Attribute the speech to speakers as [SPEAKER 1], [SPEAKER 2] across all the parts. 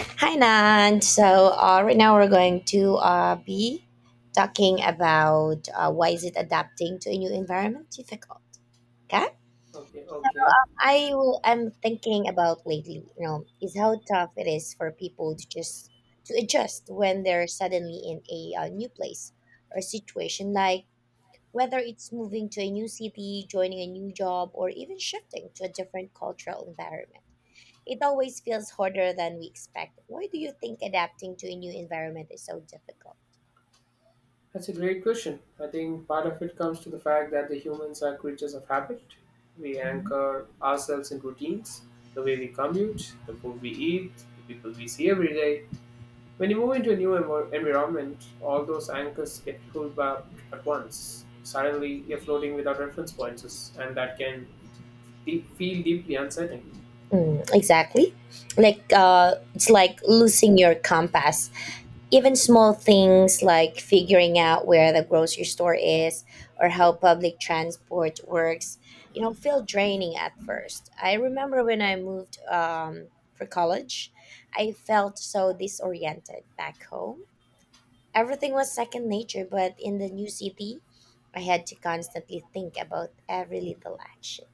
[SPEAKER 1] Hi, Nan. Right now we're going to be talking about why is it adapting to a new environment difficult. Okay.
[SPEAKER 2] Okay, okay.
[SPEAKER 1] I'm thinking about lately, you know, is how tough it is for people to just to adjust when they're suddenly in a new place or situation, like whether it's moving to a new city, joining a new job, or even shifting to a different cultural environment. It always feels harder than we expect. Why do you think adapting to a new environment is so difficult?
[SPEAKER 2] That's a great question. I think part of it comes to the fact that the humans are creatures of habit. We
[SPEAKER 1] Mhm.
[SPEAKER 2] anchor ourselves in routines, the way we commute, the food we eat, the people we see every day. When you move into a environment, all those anchors get pulled back at once. Suddenly, you're floating without reference points, and that can feel deeply unsettling.
[SPEAKER 1] Mm, exactly. Like it's like losing your compass. Even small things like figuring out where the grocery store is or how public transport works, you know, feel draining at first. I remember when I moved for college, I felt so disoriented back home. Everything was second nature, but in the new city, I had to constantly think about every little action.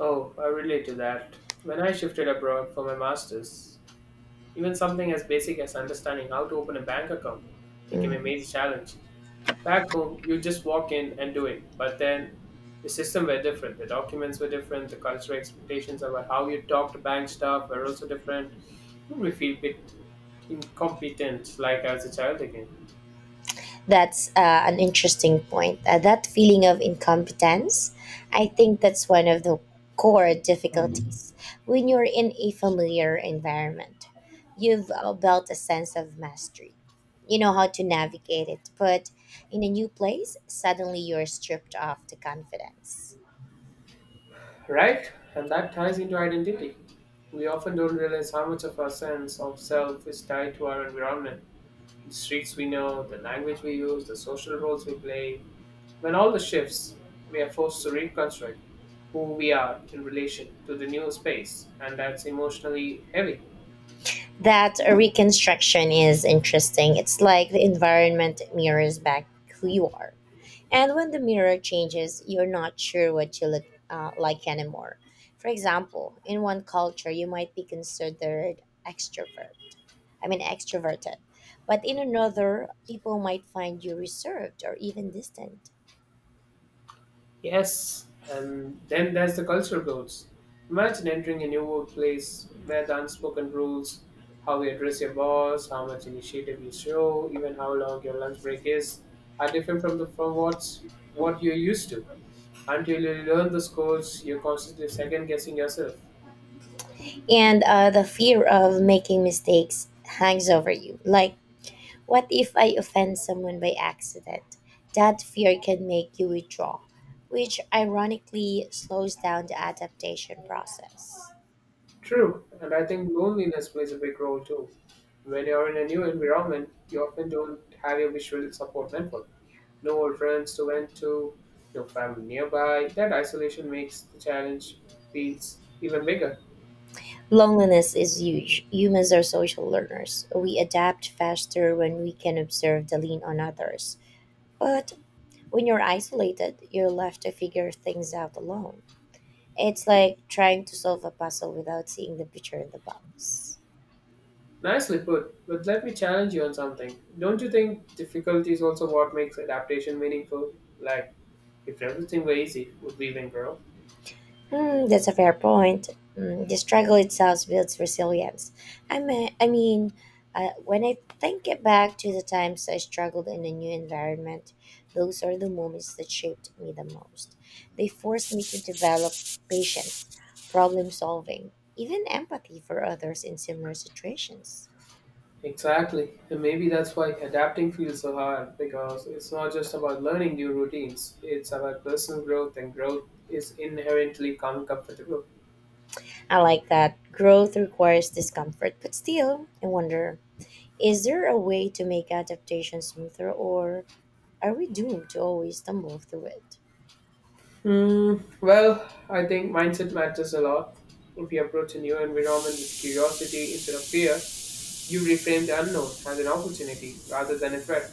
[SPEAKER 2] Oh, I relate to that. When I shifted abroad for my master's, even something as basic as understanding how to open a bank account became a
[SPEAKER 1] Mm.
[SPEAKER 2] major challenge. Back home, you just walk in and do it. But then the system were different. The documents were different. The cultural expectations about how you talk to bank staff were also different. We feel a bit incompetent, like as a child again.
[SPEAKER 1] That's an interesting point. That feeling of incompetence, I think that's one of the core difficulties when you're in a familiar environment. You've built a sense of mastery. You know how to navigate it, but in a new place, suddenly you're stripped of the confidence.
[SPEAKER 2] Right? And that ties into identity. We often don't realize how much of our sense of self is tied to our environment. The streets we know, the language we use, the social roles we play, when all the shifts, we are forced to reconstruct who we are in relation to the new space, and that's emotionally heavy.
[SPEAKER 1] That reconstruction is interesting. It's like the environment mirrors back who you are. And when the mirror changes, you're not sure what you look like anymore. For example, in one culture, you might be considered extrovert. I mean, extroverted. But in another, people might find you reserved or even distant.
[SPEAKER 2] Yes, and then there's the cultural goals. Imagine entering a new workplace where the unspoken rules, how you address your boss, how much initiative you show, even how long your lunch break is, are different from the from what's what you're used to. Until you learn the scores, you're constantly second guessing yourself.
[SPEAKER 1] And the fear of making mistakes hangs over you. Like, what if I offend someone by accident? That fear can make you withdraw, which ironically slows down the adaptation process.
[SPEAKER 2] True, and I think loneliness plays a big role too. When you're in a new environment, you often don't have your visual support network. No old friends to vent to, no family nearby. That isolation makes the challenge feels even bigger.
[SPEAKER 1] Loneliness is huge. Humans are social learners. We adapt faster when we can observe the lean on others. But when you're isolated, you're left to figure things out alone. It's like trying to solve a puzzle without seeing the picture in the box.
[SPEAKER 2] Nicely put, but let me challenge you on something. Don't you think difficulty is also what makes adaptation meaningful? Like, if everything were easy, would we even grow?
[SPEAKER 1] Mm, that's a fair point. Mm, the struggle itself builds resilience. I mean, when I think it back to the times I struggled in a new environment, those are the moments that shaped me the most. They forced me to develop patience, problem solving, even empathy for others in similar situations.
[SPEAKER 2] Exactly. And maybe that's why adapting feels so hard, because it's not just about learning new routines, it's about personal growth, and growth is inherently uncomfortable.
[SPEAKER 1] I like that growth requires discomfort, but still, I wonder, is there a way to make adaptation smoother, or are we doomed to always stumble through it?
[SPEAKER 2] Hmm, well, I think mindset matters a lot. If you approach a new environment with curiosity instead of fear, you reframe the unknown as an opportunity rather than a threat.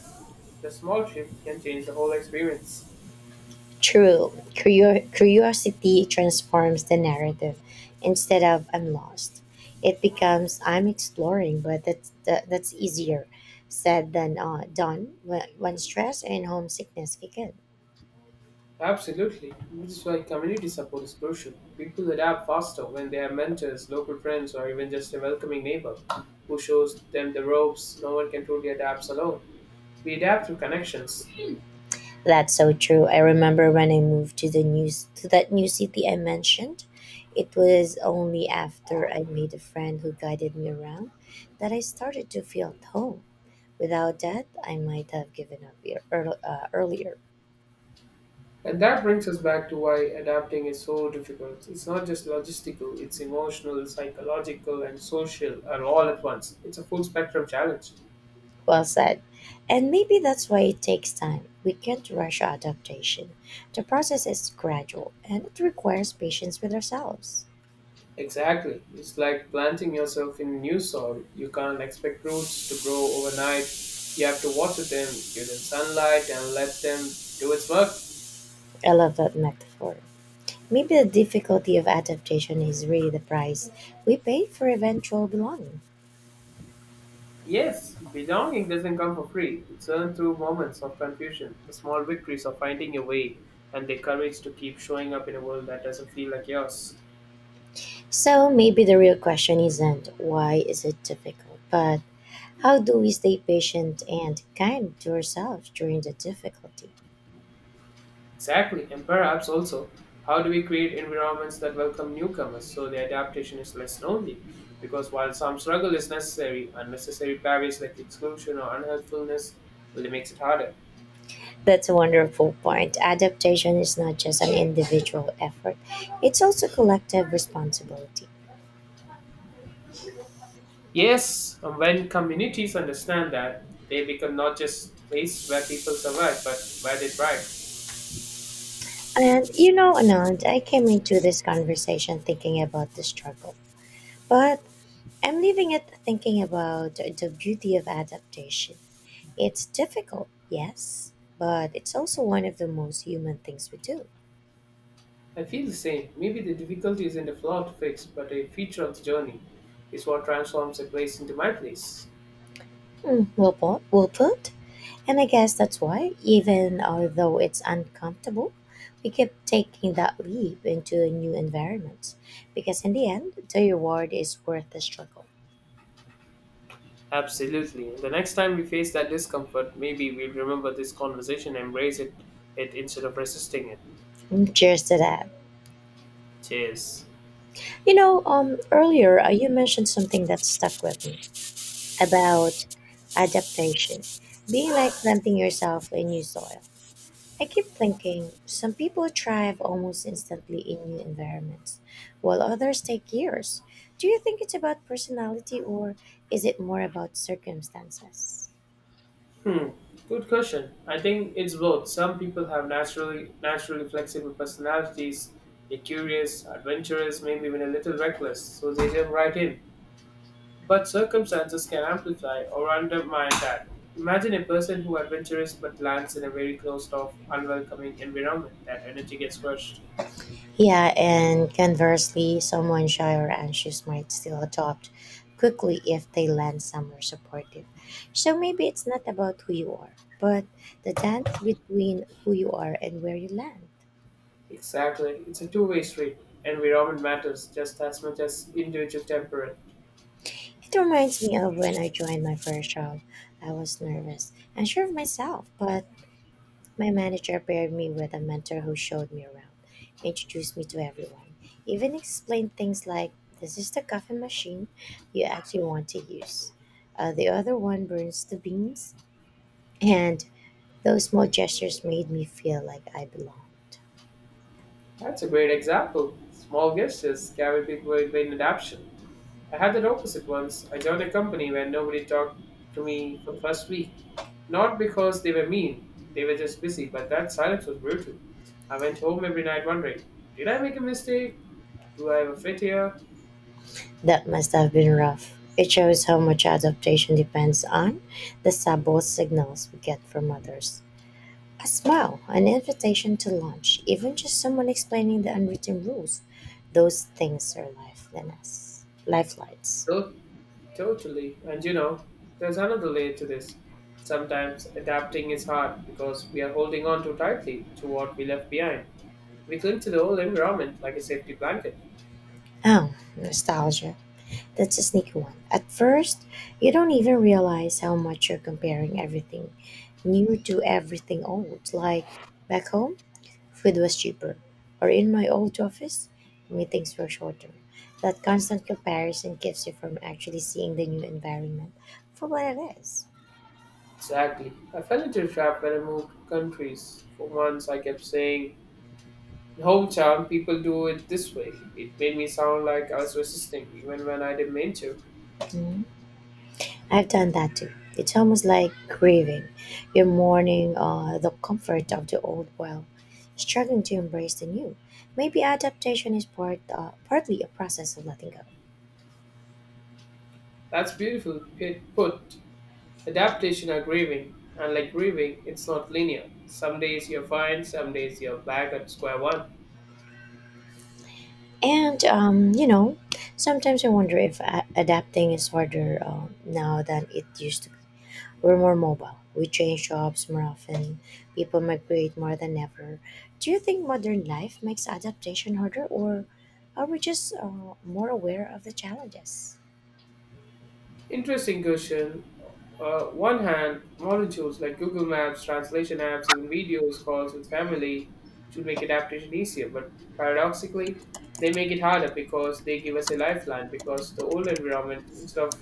[SPEAKER 2] The small shift can change the whole experience.
[SPEAKER 1] True, curiosity transforms the narrative. Instead of I'm lost, it becomes I'm exploring, but that's easier said than done when stress and homesickness kick in.
[SPEAKER 2] Absolutely. Which is why community support is crucial. People adapt faster when they have mentors, local friends, or even just a welcoming neighbor who shows them the ropes. No one can truly adapt alone. We adapt through connections.
[SPEAKER 1] That's so true. I remember when I moved to that new city I mentioned. It was only after I made a friend who guided me around that I started to feel at home. Without that, I might have given up earlier.
[SPEAKER 2] And that brings us back to why adapting is so difficult. It's not just logistical, it's emotional, psychological, and social are all at once. It's a full spectrum challenge.
[SPEAKER 1] Well said. And maybe that's why it takes time. We can't rush adaptation. The process is gradual and it requires patience with ourselves.
[SPEAKER 2] Exactly. It's like planting yourself in new soil. You can't expect roots to grow overnight. You have to water them, give them sunlight, and let them do its work.
[SPEAKER 1] I love that metaphor. Maybe the difficulty of adaptation is really the price we pay for eventual belonging.
[SPEAKER 2] Yes, belonging doesn't come for free. It's earned through moments of confusion, the small victories of finding your way, and the courage to keep showing up in a world that doesn't feel like yours.
[SPEAKER 1] So maybe the real question isn't why is it difficult, but how do we stay patient and kind to ourselves during the difficulty?
[SPEAKER 2] Exactly, and perhaps also, how do we create environments that welcome newcomers so the adaptation is less lonely? Because while some struggle is necessary, unnecessary barriers like exclusion or unhelpfulness only makes it harder.
[SPEAKER 1] That's a wonderful point. Adaptation is not just an individual effort, it's also collective responsibility.
[SPEAKER 2] Yes, and when communities understand that, they become not just place where people survive, but where they thrive.
[SPEAKER 1] And you know, Anand, I came into this conversation thinking about the struggle, but I'm leaving it thinking about the beauty of adaptation. It's difficult, yes, but it's also one of the most human things we do.
[SPEAKER 2] I feel the same. Maybe the difficulty isn't a flaw to fix, but a feature of the journey is what transforms a place into my place.
[SPEAKER 1] Hmm, well put. Well put. And I guess that's why, even though it's uncomfortable, we keep taking that leap into a new environment. Because in the end, the reward is worth the struggle.
[SPEAKER 2] Absolutely. The next time we face that discomfort, maybe we'll remember this conversation, embrace it instead of resisting it.
[SPEAKER 1] Mm, cheers to that.
[SPEAKER 2] Cheers.
[SPEAKER 1] You know, earlier you mentioned something that stuck with me about adaptation, being like planting yourself in new soil. I keep thinking some people thrive almost instantly in new environments, while others take years. Do you think it's about personality, or is it more about circumstances?
[SPEAKER 2] Hmm. Good question. I think it's both. Some people have naturally flexible personalities. They're curious, adventurous, maybe even a little reckless, so they jump right in. But circumstances can amplify or undermine that. Imagine a person who adventurous but lands in a very closed off, unwelcoming environment. That energy gets crushed.
[SPEAKER 1] Yeah, and conversely, someone shy or anxious might still adopt quickly if they land somewhere supportive. So maybe it's not about who you are, but the dance between who you are and where you land.
[SPEAKER 2] Exactly. It's a two-way street. Environment matters just as much as individual temperament.
[SPEAKER 1] It reminds me of when I joined my first job. I was nervous, unsure of myself, but my manager paired me with a mentor who showed me around, introduced me to everyone, even explained things like this is the coffee machine you actually want to use, the other one burns the beans, and those small gestures made me feel like I belonged.
[SPEAKER 2] That's a great example. Small gestures carry big weight in adaptation. I had that opposite once. I joined a company where nobody talked to me for the first week. Not because they were mean, they were just busy, but that silence was brutal. I went home every night wondering, did I make a mistake? Do I ever fit here?
[SPEAKER 1] That must have been rough. It shows how much adaptation depends on the subtle signals we get from others. A smile, an invitation to lunch, even just someone explaining the unwritten rules. Those things are lifelines.
[SPEAKER 2] Those Totally. And you know, there's another layer to this. Sometimes adapting is hard because we are holding on too tightly to what we left behind. We cling to the old environment like a safety blanket.
[SPEAKER 1] Oh, nostalgia. That's a sneaky one. At first, you don't even realize how much you're comparing everything new to everything old. Like back home, food was cheaper. Or in my old office, meetings were shorter. That constant comparison keeps you from actually seeing the new environment for what it is.
[SPEAKER 2] Exactly. I fell into a trap when I moved countries. For months, I kept saying, "In hometown, people do it this way." It made me sound like I was resisting, even when I didn't mean to.
[SPEAKER 1] Mm. I've done that too. It's almost like grieving. You're mourning the comfort of the old while struggling to embrace the new. Maybe adaptation is partly a process of letting go.
[SPEAKER 2] That's put. Adaptation are grieving, and like grieving, it's not linear. Some days you're fine, some days you're back at square one.
[SPEAKER 1] And, you know, sometimes I wonder if adapting is harder now than it used to be. We're more mobile, we change jobs more often, people migrate more than ever. Do you think modern life makes adaptation harder, or are we just more aware of the challenges?
[SPEAKER 2] Interesting question. One hand, modern tools like Google Maps, translation apps, even videos, calls with family should make adaptation easier. But paradoxically, they make it harder because they give us a lifeline. Because the old environment, instead of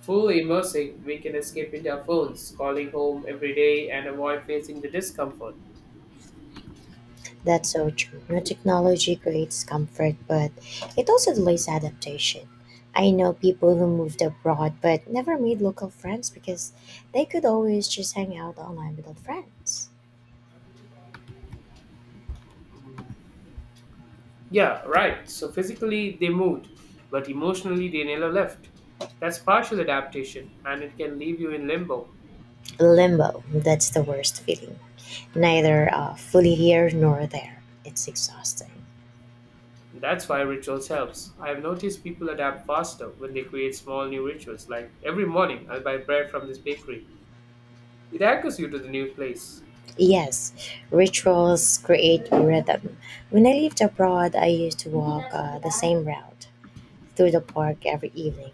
[SPEAKER 2] fully immersing, we can escape into our phones, calling home every day, and avoid facing the discomfort.
[SPEAKER 1] That's so true. New technology creates comfort, but it also delays adaptation. I know people who moved abroad but never made local friends because they could always just hang out online without friends.
[SPEAKER 2] Yeah, right. So physically, they moved, but emotionally, they never left. That's partial adaptation, and it can leave you in limbo.
[SPEAKER 1] Limbo, that's the worst feeling. Neither fully here nor there. It's exhausting.
[SPEAKER 2] That's why rituals helps. I have noticed people adapt faster when they create small new rituals. Like every morning, I'll buy bread from this bakery. It anchors you to the new place.
[SPEAKER 1] Yes, rituals create rhythm. When I lived abroad, I used to walk the same route through the park every evening.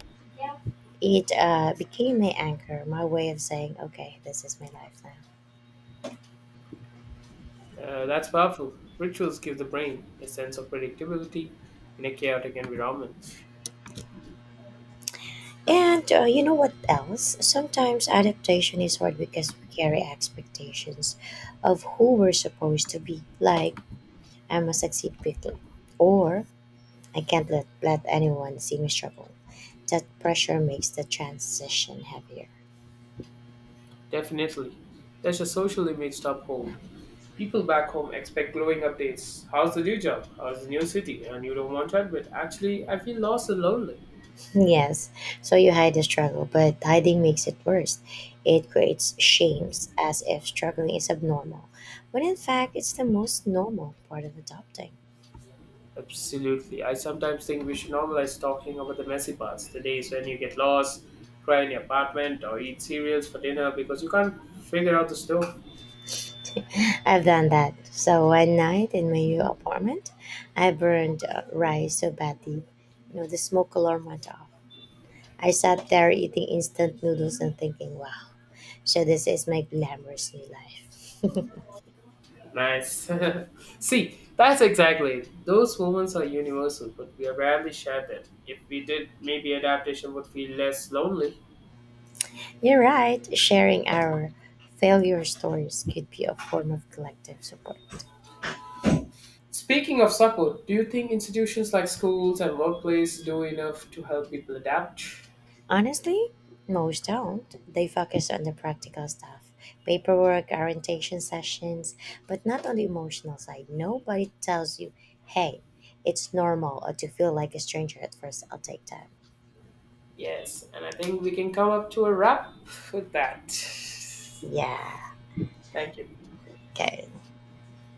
[SPEAKER 1] It became my anchor, my way of saying, okay, this is my life now.
[SPEAKER 2] That's powerful. Rituals give the brain a sense of predictability in a chaotic environment.
[SPEAKER 1] And you know what else? Sometimes adaptation is hard because we carry expectations of who we're supposed to be. Like, I must succeed quickly, or I can't let anyone see me struggle. That pressure makes the transition heavier.
[SPEAKER 2] Definitely. There's a social image to home. People back home expect glowing updates. How's the new job? How's the new city? And you don't want to admit. Actually, I feel lost and lonely.
[SPEAKER 1] Yes, so you hide the struggle, but hiding makes it worse. It creates shames as if struggling is abnormal, when in fact, it's the most normal part of adopting.
[SPEAKER 2] Absolutely. I sometimes think we should normalize talking about the messy parts, the days when you get lost, cry in your apartment, or eat cereals for dinner because you can't figure out the stove.
[SPEAKER 1] I've done that. So one night in my new apartment, I burned rice so badly, you know, the smoke alarm went off. I sat there eating instant noodles and thinking, wow, so this is my glamorous new life.
[SPEAKER 2] Nice. See, that's exactly it. Those moments are universal, but we rarely share them. If we did, maybe adaptation would feel less lonely.
[SPEAKER 1] You're right, sharing our failure stories could be a form of collective support.
[SPEAKER 2] Speaking of support, do you think institutions like schools and workplaces do enough to help people adapt?
[SPEAKER 1] Honestly, most don't. They focus on the practical stuff, paperwork, orientation sessions, but not on the emotional side. Nobody tells you, hey, it's normal or to feel like a stranger at first. I'll take time.
[SPEAKER 2] Yes, and I think we can come up to a wrap with that.
[SPEAKER 1] Yeah.
[SPEAKER 2] Thank you.
[SPEAKER 1] Okay.